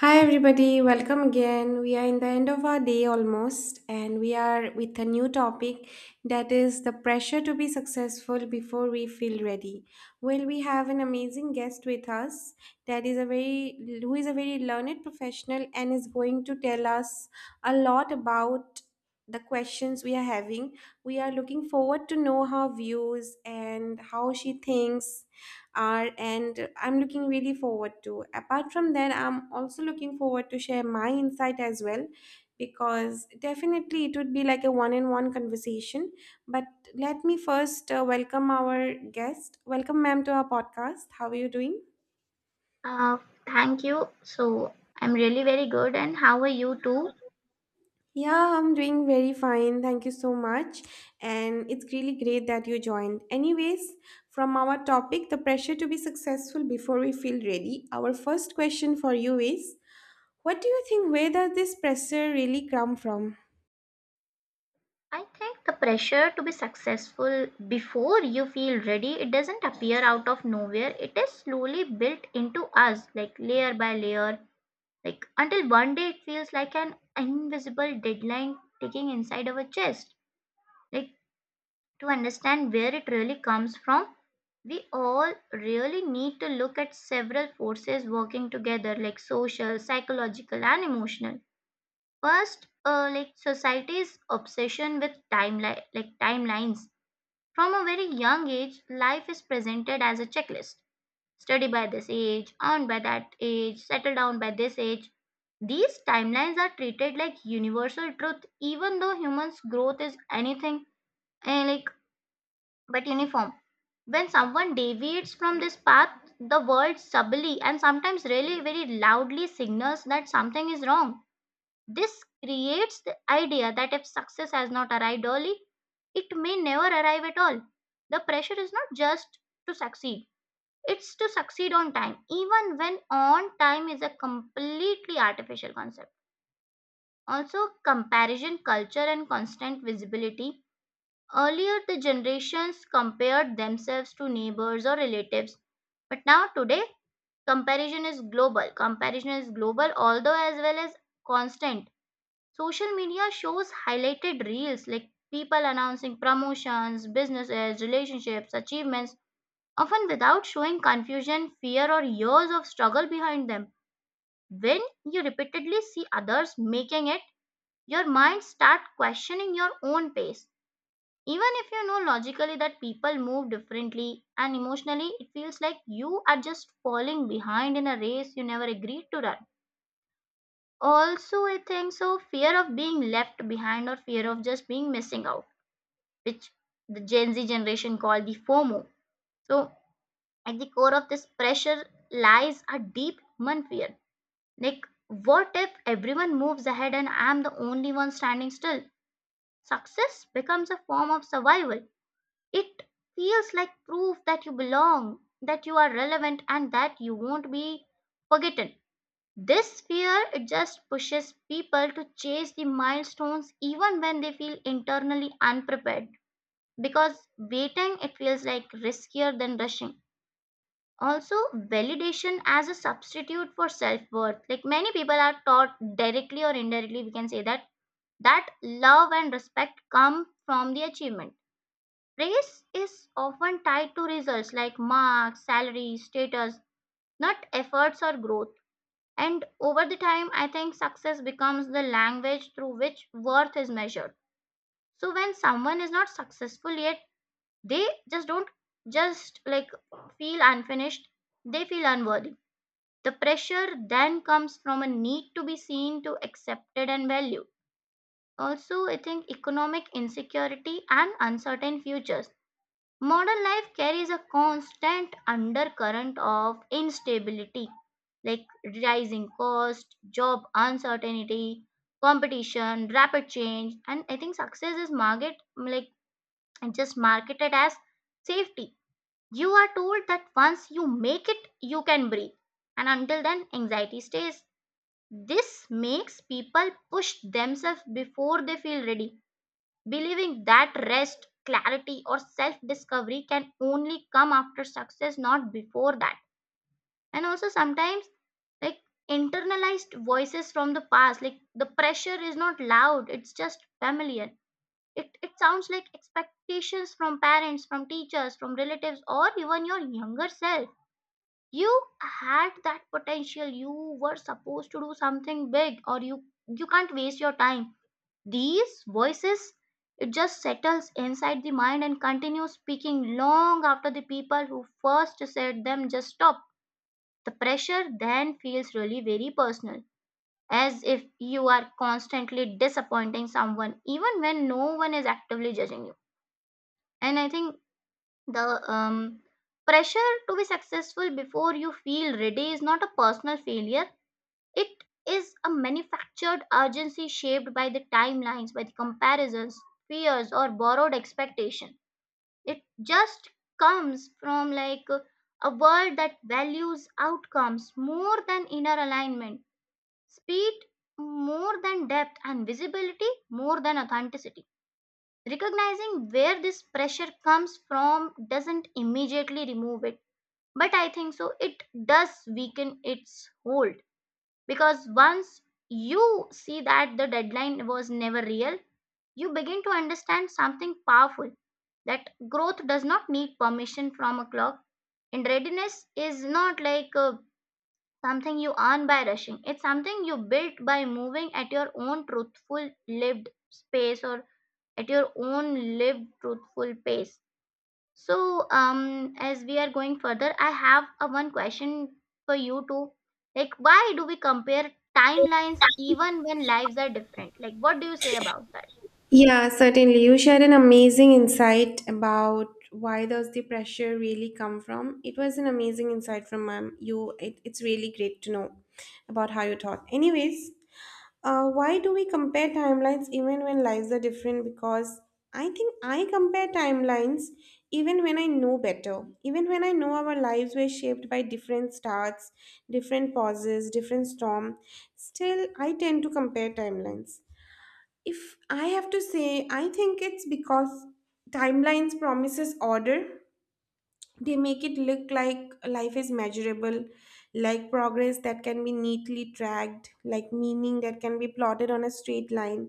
Hi, everybody, welcome again. We are in the end of our day almost, and we are with a new topic that is the pressure to be successful before we feel ready. Well, we have an amazing guest with us that is a very who is a very learned professional and is going to tell us a lot about the questions we are having. We are looking forward to know her views and how she thinks are, and I'm looking really forward to. Apart from that, I'm also looking forward to share my insight as well, because definitely it would be like a one-on-one conversation. But let me first welcome our guest. Welcome, ma'am, to our podcast. How are you doing? Uh, Thank you. So, I'm really very good. And how are you too? Yeah, I'm doing very fine. Thank you so much. And it's really great that you joined. Anyways, from our topic, the pressure to be successful before we feel ready, our first question for you is, what do you think? Where does this pressure really come from? I think the pressure to be successful before you feel ready, it doesn't appear out of nowhere. It is slowly built into us, like layer by layer, like until one day it feels like an invisible deadline ticking inside our chest. Like, to understand where it really comes from, we all really need to look at several forces working together, like social, psychological, and emotional. First, like society's obsession with timelines. From a very young age, life is presented as a checklist. Study by this age, earn by that age, settle down by this age. These timelines are treated like universal truth, even though humans' growth is anything eh, like but uniform. When someone deviates from this path, the world subtly and sometimes really very loudly signals that something is wrong. This creates the idea that if success has not arrived early, it may never arrive at all. The pressure is not just to succeed, it's to succeed on time, even when on time is a completely artificial concept. Also, comparison culture and constant visibility. Earlier, the generations compared themselves to neighbors or relatives, but now today, comparison is global. Although as well as constant. Social media shows highlighted reels like people announcing promotions, businesses, relationships, achievements, often without showing confusion, fear, or years of struggle behind them. When you repeatedly see others making it, your mind starts questioning your own pace. Even if you know logically that people move differently and emotionally, it feels like you are just falling behind in a race you never agreed to run. Also, I think so, fear of being left behind or fear of just being missing out, which the Gen Z generation call the FOMO. So, at the core of this pressure lies a deep human fear. Like, what if everyone moves ahead and I'm the only one standing still? Success becomes a form of survival. It feels like proof that you belong, that you are relevant, and that you won't be forgotten. This fear, it just pushes people to chase the milestones even when they feel internally unprepared, because waiting, it feels like riskier than rushing. Also, validation as a substitute for self-worth. Like many people are taught directly or indirectly, we can say that, that love and respect come from the achievement. Praise is often tied to results, like marks, salary, status, not efforts or growth. And over the time, I think success becomes the language through which worth is measured. So when someone is not successful yet, they just don't just like feel unfinished, they feel unworthy. The pressure then comes from a need to be seen, to accepted and valued. Also, I think economic insecurity and uncertain futures. Modern life carries a constant undercurrent of instability, like rising cost, job uncertainty, competition, rapid change. And I think success is market like just marketed as safety. You are told that once you make it, you can breathe. And until then, anxiety stays. This makes people push themselves before they feel ready, believing that rest, clarity, or self discovery can only come after success, not before that. And also, sometimes, like internalized voices from the past, like the pressure is not loud, it's just familiar. It sounds like expectations from parents, from teachers, from relatives, or even your younger self. You had that potential, you were supposed to do something big, or you can't waste your time. These voices, it just settles inside the mind and continues speaking long after the people who first said them just stop. The pressure then feels really very personal, as if you are constantly disappointing someone even when no one is actively judging you. And I think the um pressure to be successful before you feel ready is not a personal failure. It is a manufactured urgency shaped by the timelines, by the comparisons, fears, or borrowed expectation. It just comes from like a world that values outcomes more than inner alignment, speed more than depth, and visibility more than authenticity. Recognizing where this pressure comes from doesn't immediately remove it, but I think so it does weaken its hold. Because once you see that the deadline was never real, you begin to understand something powerful, that growth does not need permission from a clock, and readiness is not like something you earn by rushing. It's something you built by moving at your own truthful lived space, or at your own lived truthful pace. So, as we are going further, I have a one question for you too. Like, why do we compare timelines even when lives are different? Like, what do you say about that? Yeah, certainly. You shared an amazing insight about why does the pressure really come from. It was an amazing insight from ma'am. It's really great to know about how you thought. Anyways, why do we compare timelines even when lives are different? Because I think I compare timelines even when I know better. Even when I know our lives were shaped by different starts, different pauses, different storm, still I tend to compare timelines. If I have to say, I think it's because timelines promises order. They make it look like life is measurable, like progress that can be neatly tracked, like meaning that can be plotted on a straight line.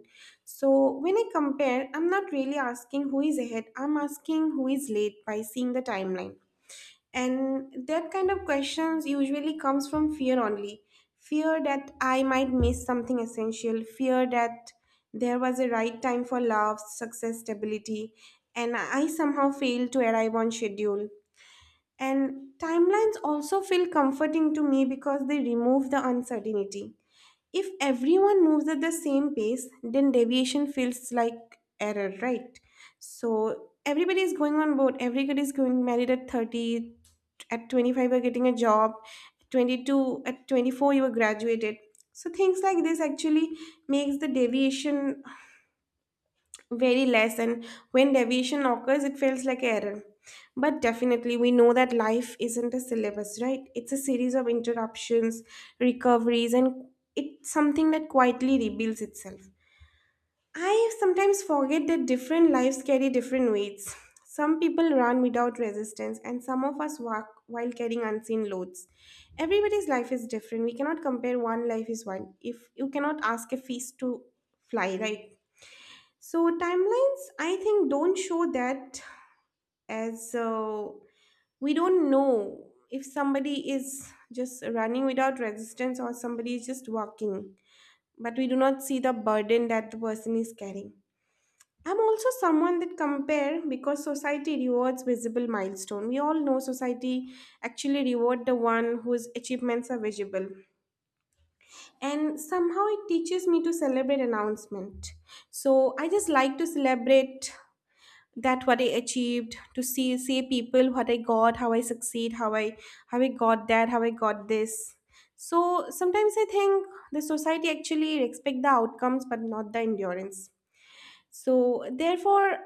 So when I compare, I'm not really asking who is ahead, I'm asking who is late by seeing the timeline. And that kind of questions usually comes from fear only. Fear that I might miss something essential, fear that there was a right time for love, success, stability, and I somehow failed to arrive on schedule. And timelines also feel comforting to me because they remove the uncertainty. If everyone moves at the same pace, then deviation feels like error, right? So everybody is going on board. Everybody is going married at 30, at 25 you're getting a job, 22, at 24 you were graduated. So things like this actually makes the deviation very less, and when deviation occurs, it feels like error. But definitely we know that life isn't a syllabus, right? It's a series of interruptions, recoveries, and it's something that quietly rebuilds itself. I sometimes forget that different lives carry different weights. Some people run without resistance, and some of us walk while carrying unseen loads. Everybody's life is different. We cannot compare. One life is one. If you cannot ask a feast to fly, right? So timelines, I think, don't show that. As we don't know if somebody is just running without resistance or somebody is just walking, but we do not see the burden that the person is carrying. I'm also someone that compare because society rewards visible milestone. We all know society actually reward the one whose achievements are visible, and somehow it teaches me to celebrate announcement. So I just like to celebrate that what I achieved, to see people what I got, how I succeed, how I got that, how I got this. So sometimes I think the society actually expect the outcomes but not the endurance. So therefore,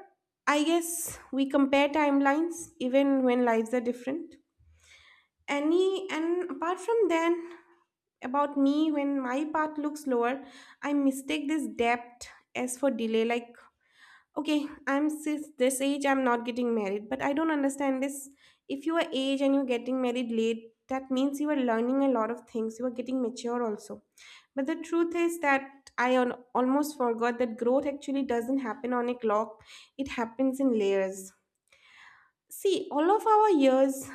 I guess we compare timelines even when lives are different. Any and apart from then, about me, when my path looks lower, I mistake this depth as for delay. Like, okay, I'm sis this age, I'm not getting married, but I don't understand this. If you are age and you're getting married late, that means you are learning a lot of things, you are getting mature also. But the truth is that almost forgot that growth actually doesn't happen on a clock. It happens in layers. See, all of our years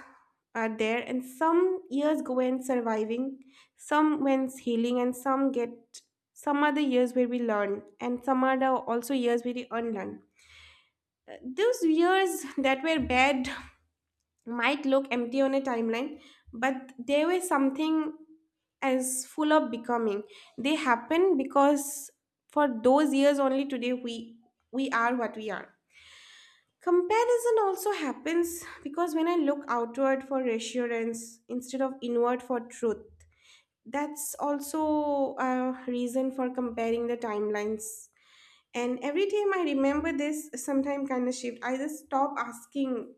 are there, and some years go in surviving, some went healing, and some are the years where we learn, and some are the also years where we unlearn. Those years that were bad might look empty on a timeline, but they were something as full of becoming. They happen because for those years only, today we are what we are. Comparison also happens because when I look outward for reassurance instead of inward for truth, that's also a reason for comparing the timelines. And every time I remember this, sometime kind of shift, I just stop asking,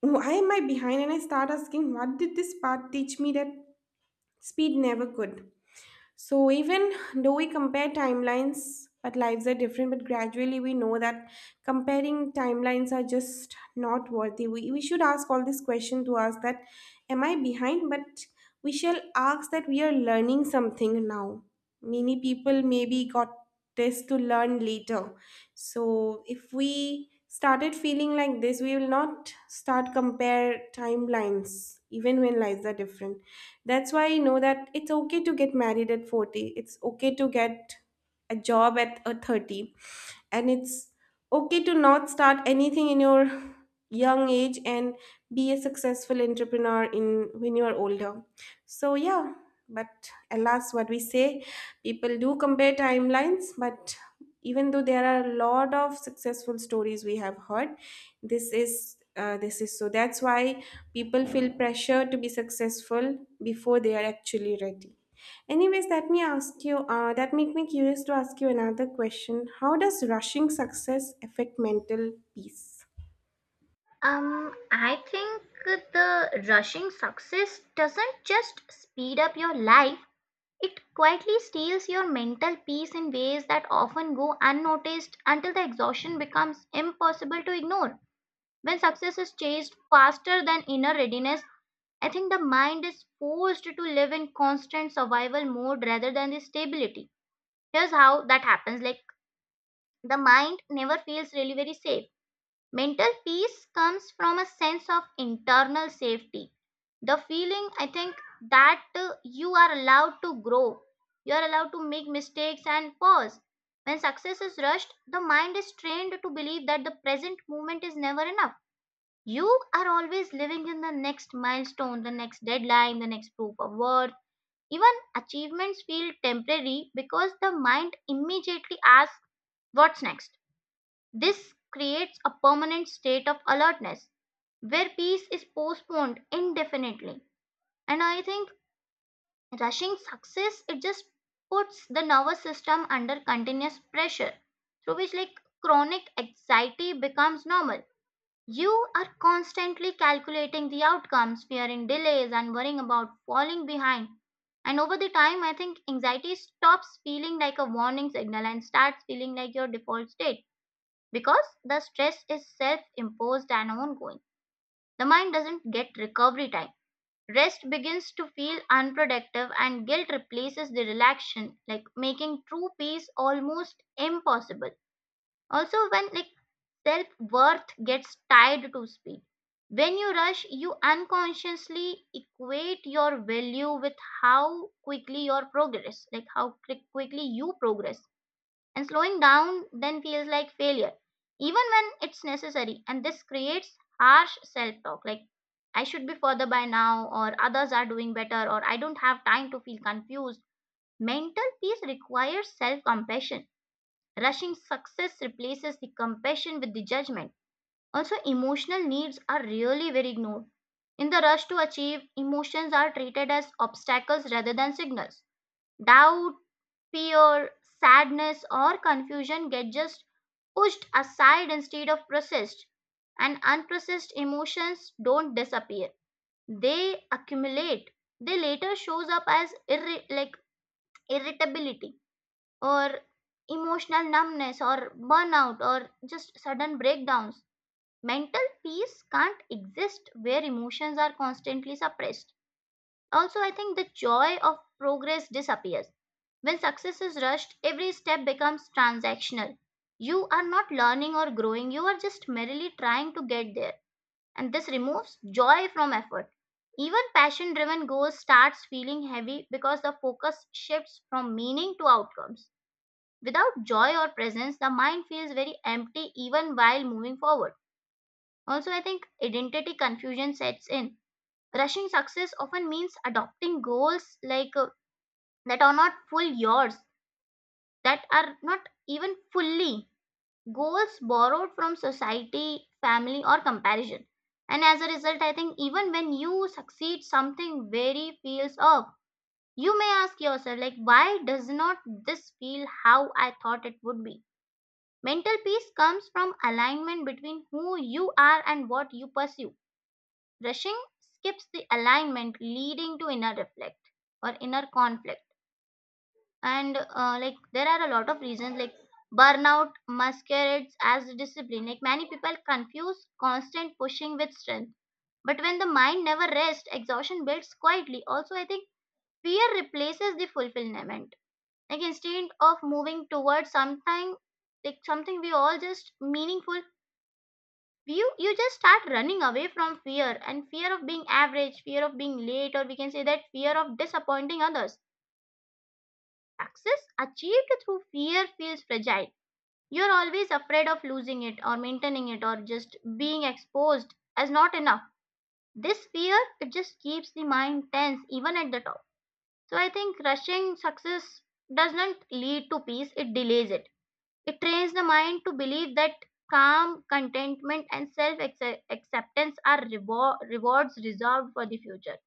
why am I behind? And I start asking, what did this part teach me that speed never could? So even though we compare timelines, but lives are different, but gradually we know that comparing timelines are just not worthy. We should ask all this question to us that, am I behind? But we shall ask that we are learning something now. Many people maybe got this to learn later. So if we started feeling like this, we will not start compare timelines even when lives are different. That's why I know that it's okay to get married at 40. It's okay to get a job at a 30, and it's okay to not start anything in your young age and be a successful entrepreneur in when you are older. So yeah, but alas, what we say, people do compare timelines, but even though there are a lot of successful stories we have heard, this is so that's why people feel pressure to be successful before they are actually ready. Anyways, let me ask you, that make me curious to ask you another question. How does rushing success affect mental peace? I think the rushing success doesn't just speed up your life, it quietly steals your mental peace in ways that often go unnoticed until the exhaustion becomes impossible to ignore. When success is chased faster than inner readiness, I think the mind is forced to live in constant survival mode rather than the stability. Here's how that happens. Like, the mind never feels really very safe. Mental peace comes from a sense of internal safety. The feeling, I think, that you are allowed to grow, you are allowed to make mistakes and pause. When success is rushed, the mind is trained to believe that the present moment is never enough. You are always living in the next milestone, the next deadline, the next proof of work. Even achievements feel temporary because the mind immediately asks what's next. This creates a permanent state of alertness where peace is postponed indefinitely. And I think rushing success, it just puts the nervous system under continuous pressure, through which, like, chronic anxiety becomes normal. You are constantly calculating the outcomes, fearing delays, and worrying about falling behind. And over the time, I think anxiety stops feeling like a warning signal and starts feeling like your default state, because the stress is self imposed and ongoing. The mind doesn't get recovery time. Rest begins to feel unproductive, and guilt replaces the relaxation, like making true peace almost impossible. Also, when like self-worth gets tied to speed. When you rush, you unconsciously equate your value with how quickly your progress, like how quickly you progress. And slowing down then feels like failure, even when it's necessary. And this creates harsh self talk, like I should be further by now, or others are doing better, or I don't have time to feel confused. Mental peace requires self compassion. Rushing success replaces the compassion with the judgment. Also, emotional needs are really very ignored. In the rush to achieve, emotions are treated as obstacles rather than signals. Doubt, fear, sadness, or confusion get just pushed aside instead of processed. And unprocessed emotions don't disappear. They accumulate. They later shows up as irritability or emotional numbness or burnout or just sudden breakdowns. Mental peace can't exist where emotions are constantly suppressed. Also, I think the joy of progress disappears. When success is rushed, every step becomes transactional. You are not learning or growing, you are just merely trying to get there. And this removes joy from effort. Even passion driven goals starts feeling heavy because the focus shifts from meaning to outcomes. Without joy or presence, the mind feels very empty even while moving forward. Also, I think identity confusion sets in. Rushing success often means adopting goals like that are not full yours, that are not even fully goals borrowed from society, family, or comparison. And as a result, I think even when you succeed, something very feels off. You may ask yourself, like, why does not this feel how I thought it would be? Mental peace comes from alignment between who you are and what you pursue. Rushing skips the alignment, leading to inner reflect or inner conflict. And like there are a lot of reasons, like burnout masquerades as discipline. Like many people confuse constant pushing with strength. But when the mind never rests, exhaustion builds quietly. Also, I think fear replaces the fulfillment. Like instead of moving towards something, like something we all just meaningful, you just start running away from fear, and fear of being average, fear of being late, or we can say that fear of disappointing others. Success achieved through fear feels fragile. You're always afraid of losing it or maintaining it or just being exposed as not enough. This fear, it just keeps the mind tense even at the top. So I think rushing success doesn't lead to peace, it delays it. It trains the mind to believe that calm, contentment, and self acceptance are rewards reserved for the future.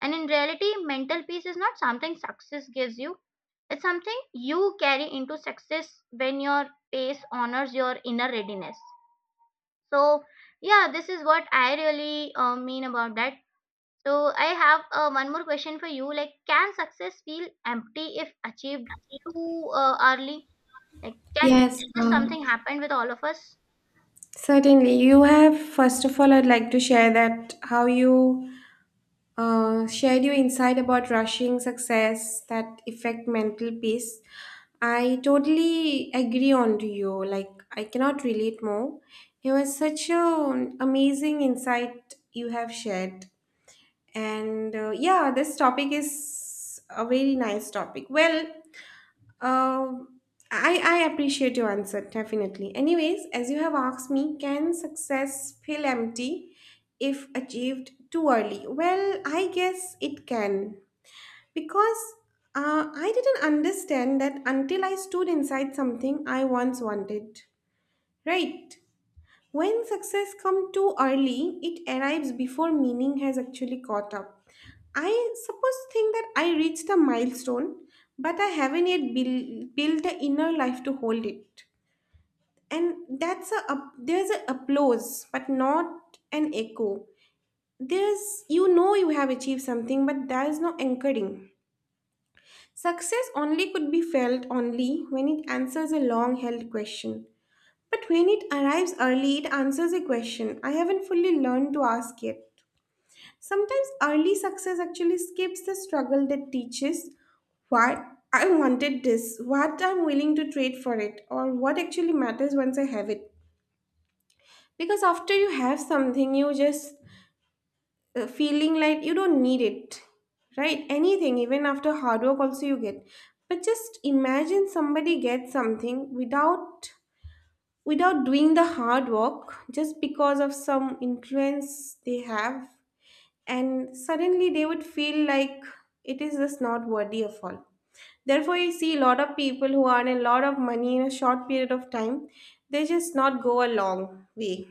And in reality, mental peace is not something success gives you, it's something you carry into success when your pace honors your inner readiness. So, yeah, this is what I really mean about that. So, I have one more question for you. Like, can success feel empty if achieved too early? Like, can is Yes, this something happened with all of us? certainly. You have, first of all, I'd like to share that how you shared your insight about rushing success that affect mental peace. I totally agree on to you. Like, I cannot relate more. It was such an amazing insight you have shared. And yeah, this topic is a very nice topic. Well, um I appreciate your answer, definitely. Anyways, as you have asked me, can success feel empty if achieved too early? Well, I guess it can. Because I didn't understand that until I stood inside something I once wanted, right? When success comes too early, it arrives before meaning has actually caught up. I suppose think that I reached the milestone, but I haven't yet built the inner life to hold it. And there's a applause, but not an echo. There's, you know, you have achieved something, but there is no anchoring. Success only could be felt only when it answers a long held question. But when it arrives early, it answers a question I haven't fully learned to ask yet. Sometimes early success actually skips the struggle that teaches why I wanted this, what I'm willing to trade for it, or what actually matters once I have it. Because after you have something, you just feeling like you don't need it, right? Anything, even after hard work, also you get. But just imagine somebody gets something without doing the hard work just because of some influence they have, and suddenly they would feel like it is just not worthy of all. Therefore, you see a lot of people who earn a lot of money in a short period of time, they just not go a long way.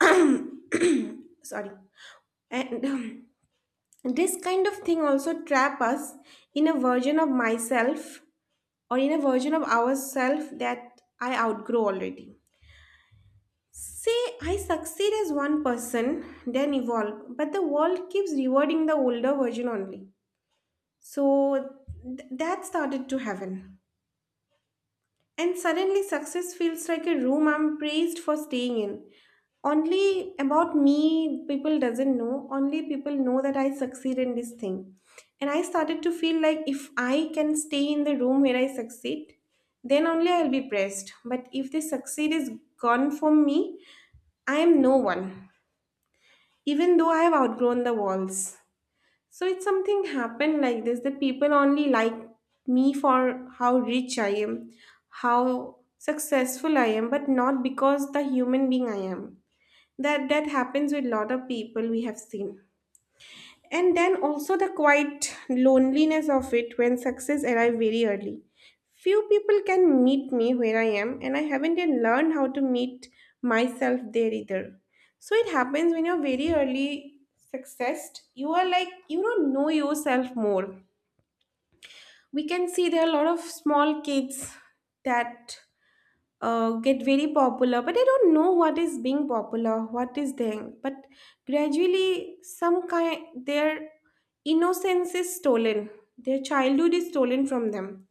Sorry. And this kind of thing also trap us in a version of myself or in a version of ourself that I outgrow already. Say I succeed as one person, then evolve, but the world keeps rewarding the older version only. So that started to happen. And suddenly success feels like a room I'm praised for staying in. Only about me people doesn't know, only people know that I succeed in this thing. And I started to feel like if I can stay in the room where I succeed, then only I'll be praised. But if the succeed is gone from me, I am no one, even though I have outgrown the walls. So it's something happened like this that people only like me for how rich I am, how successful I am, but not because the human being I am. That happens with lot of people we have seen. And then also the quiet loneliness of it when success arrives very early. Few people can meet me where I am, and I haven't yet learned how to meet myself there either. So it happens when you're very early successed, you are like, you don't know yourself more. We can see there are a lot of small kids that get very popular, but I don't know what is being popular, what is there. But gradually, some kind their innocence is stolen, their childhood is stolen from them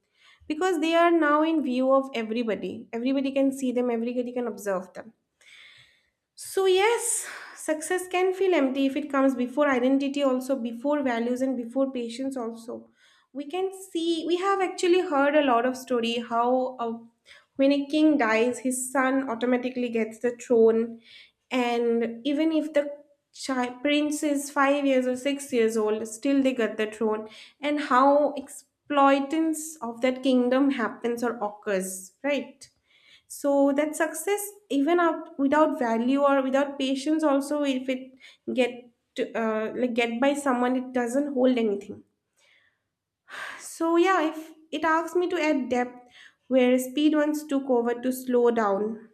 because they are now in view of everybody. Everybody can see them, everybody can observe them. So, yes, success can feel empty if it comes before identity, also before values, and before patience. Also, we can see we have actually heard a lot of story how when a king dies, his son automatically gets the throne, and even if the child, prince is 5 years or 6 years old, still they get the throne, and how exploitance of that kingdom happens or occurs, right? So that success even up without value or without patience, also if it get like get by someone, it doesn't hold anything. So yeah, if it asks me to add depth, where speed once took over, to slow down,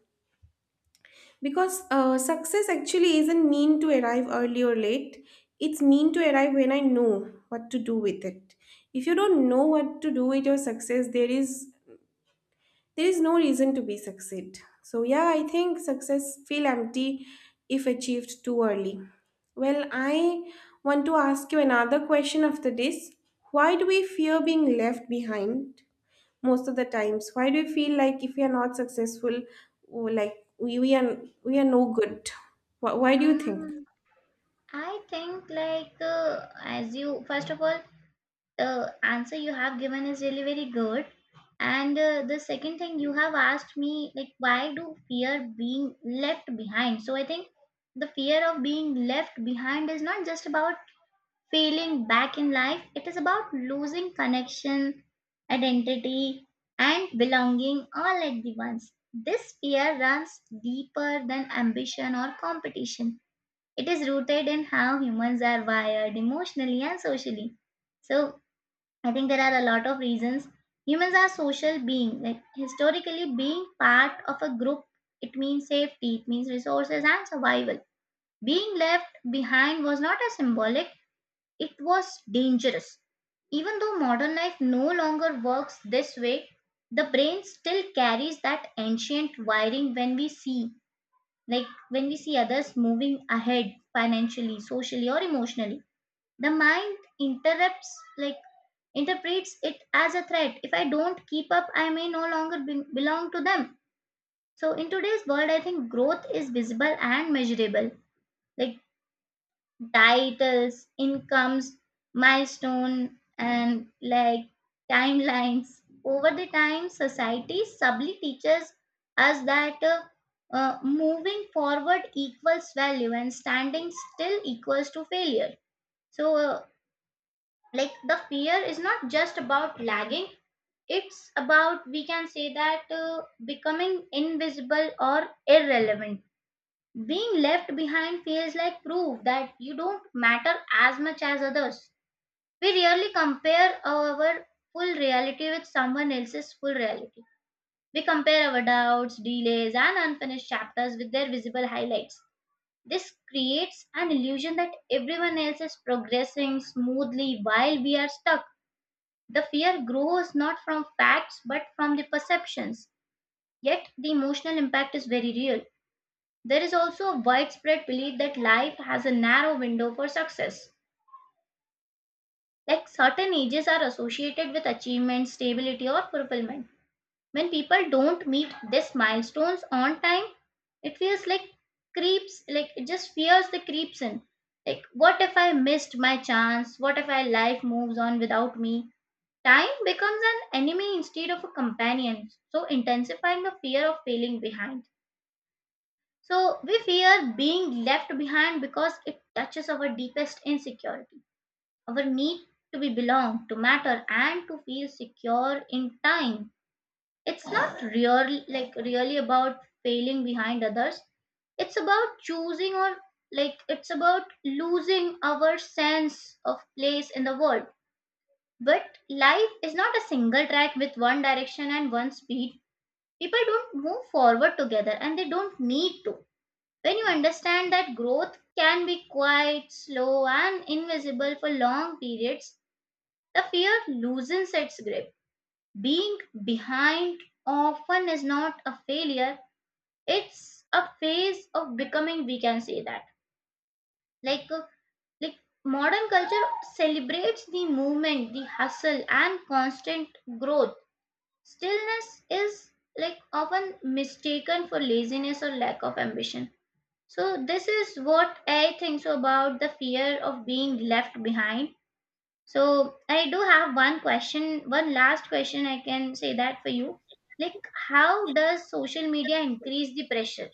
because success actually isn't mean to arrive early or late. It's mean to arrive when I know what to do with it. If you don't know what to do with your success, there is no reason to be succeed. So yeah, I think success feel empty if achieved too early. Well, I want to ask you another question after this. Why do we fear being left behind? Most of the times, why do we feel like if we are not successful, or like we are we are no good? Why do you think? Um, I think like as you first of all the answer you have given is really very good, and the second thing you have asked me, like, why do fear being left behind? So I think the fear of being left behind is not just about feeling back in life, it is about losing connection, identity, and belonging all at the once. This fear runs deeper than ambition or competition. It is rooted in how humans are wired emotionally and socially. So, I think there are a lot of reasons. Humans are social beings. Like historically, being part of a group, it means safety, it means resources and survival. Being left behind was not a symbolic, it was dangerous. Even though modern life no longer works this way, the brain still carries that ancient wiring when we see, like when we see others moving ahead financially, socially, or emotionally. The mind interrupts, like interprets it as a threat. If I don't keep up, I may no longer belong to them. So, in today's world, I think growth is visible and measurable. Like titles, incomes, milestone, and like timelines. Over the time, society subtly teaches us that moving forward equals value and standing still equals to failure. So, like the fear is not just about lagging; it's about, we can say that, becoming invisible or irrelevant, being left behind feels like proof that you don't matter as much as others. We rarely compare our full reality with someone else's full reality. We compare our doubts, delays, and unfinished chapters with their visible highlights. This creates an illusion that everyone else is progressing smoothly while we are stuck. The fear grows not from facts but from the perceptions. Yet, the emotional impact is very real. There is also a widespread belief that life has a narrow window for success. Like certain ages are associated with achievement, stability, or fulfillment. When people don't meet these milestones on time, it feels like creeps, like it just fears the creeps in. Like, what if I missed my chance? What if my life moves on without me? Time becomes an enemy instead of a companion, so intensifying the fear of failing behind. So we fear being left behind because it touches our deepest insecurity, our need to be belong, to matter, and to feel secure in time. It's not really like really about failing behind others. It's about choosing, or like it's about losing our sense of place in the world. But life is not a single track with one direction and one speed. People don't move forward together and they don't need to. When you understand that growth can be quite slow and invisible for long periods, the fear loosens its grip. Being behind often is not a failure, it's a phase of becoming, we can say that. Like, uh, like modern culture celebrates the movement, the hustle, and constant growth. Stillness is like often mistaken for laziness or lack of ambition. So this is what I think so about the fear of being left behind. So I do have one question, one last question I can say that for you. Like, how does social media increase the pressure?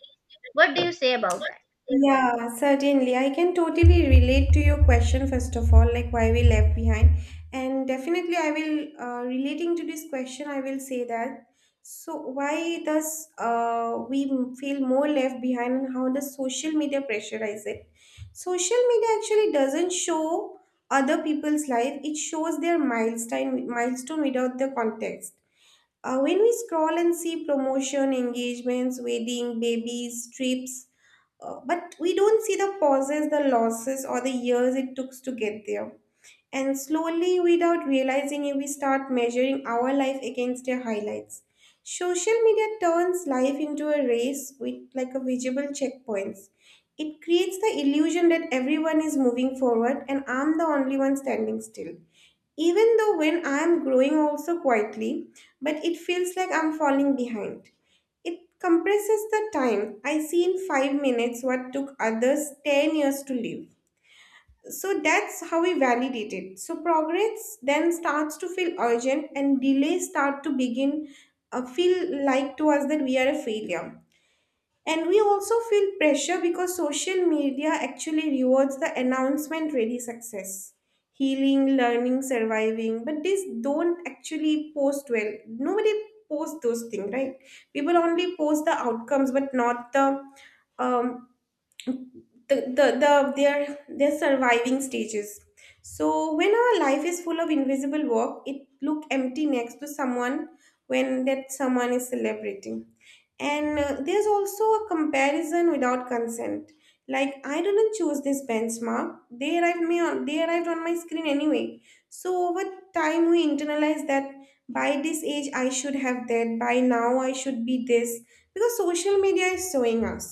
What do you say about that? Yeah, certainly. I can totally relate to your question, first of all, like why we left behind. And definitely, I will, relating to this question, I will say that. So, why does we feel more left behind, and how does social media pressurize it? Social media actually doesn't show other people's life, it shows their milestone without the context. When we scroll and see promotion, engagements, wedding, babies, trips, but we don't see the pauses, the losses, or the years it took to get there. And slowly, without realizing it, we start measuring our life against their highlights. Social media turns life into a race with like a visible checkpoints. It creates the illusion that everyone is moving forward and I'm the only one standing still. Even though when I'm growing also quietly, but it feels like I'm falling behind. It compresses the time. I see in 5 minutes what took others 10 years to live. So that's how we validate it. So progress then starts to feel urgent, and delays start to begin feel like to us that we are a failure. And we also feel pressure because social media actually rewards the announcement ready success, healing, learning, surviving, but these don't actually post well. Nobody posts those things, right? People only post the outcomes, but not the um, the, the, the their their surviving stages. So when our life is full of invisible work, it look empty next to someone, when that someone is celebrating. And there's also a comparison without consent. Like, I didn't choose this benchmark. They arrived on my screen anyway. So over time, we internalize that, by this age I should have that, by now I should be this, because social media is showing us.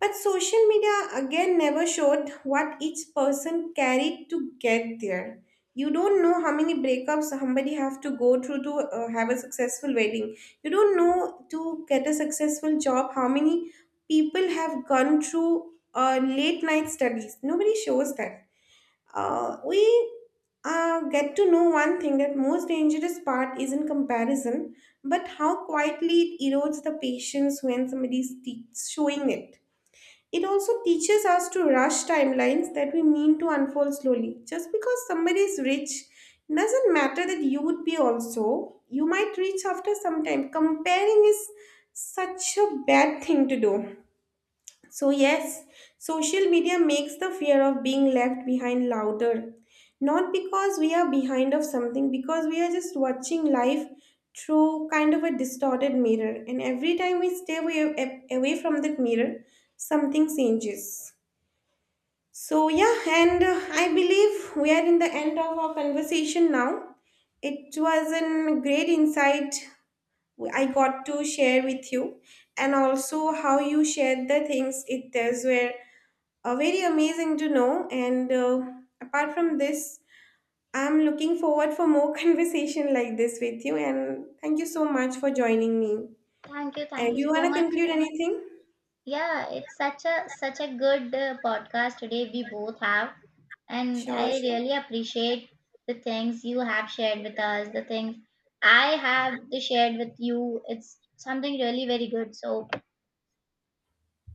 But social media again never showed what each person carried to get there. You don't know how many breakups somebody have to go through to have a successful wedding. You don't know, to get a successful job, how many people have gone through late night studies. Nobody shows that. We get to know one thing, that most dangerous part is in comparison, but how quietly it erodes the patience when somebody's showing it. It also teaches us to rush timelines that we mean to unfold slowly. Just because somebody is rich doesn't matter that you would be also. You might reach after some time. Comparing is such a bad thing to do. So, yes, social media makes the fear of being left behind louder. Not because we are behind of something, because we are just watching life through kind of a distorted mirror. And every time we stay away from that mirror, something changes. So, yeah, and I believe we are in the end of our conversation now. It was a great insight I got to share with you, and also how you shared the things, it, does were very amazing to know. And apart from this, I'm looking forward for more conversation like this with you, and thank you so much for joining me. Thank And do you you so want to much. conclude anything? Yeah, it's such a good podcast today we both have, and Sure, I sure. really appreciate the things you have shared with us, the things I have shared with you. It's something really very good. So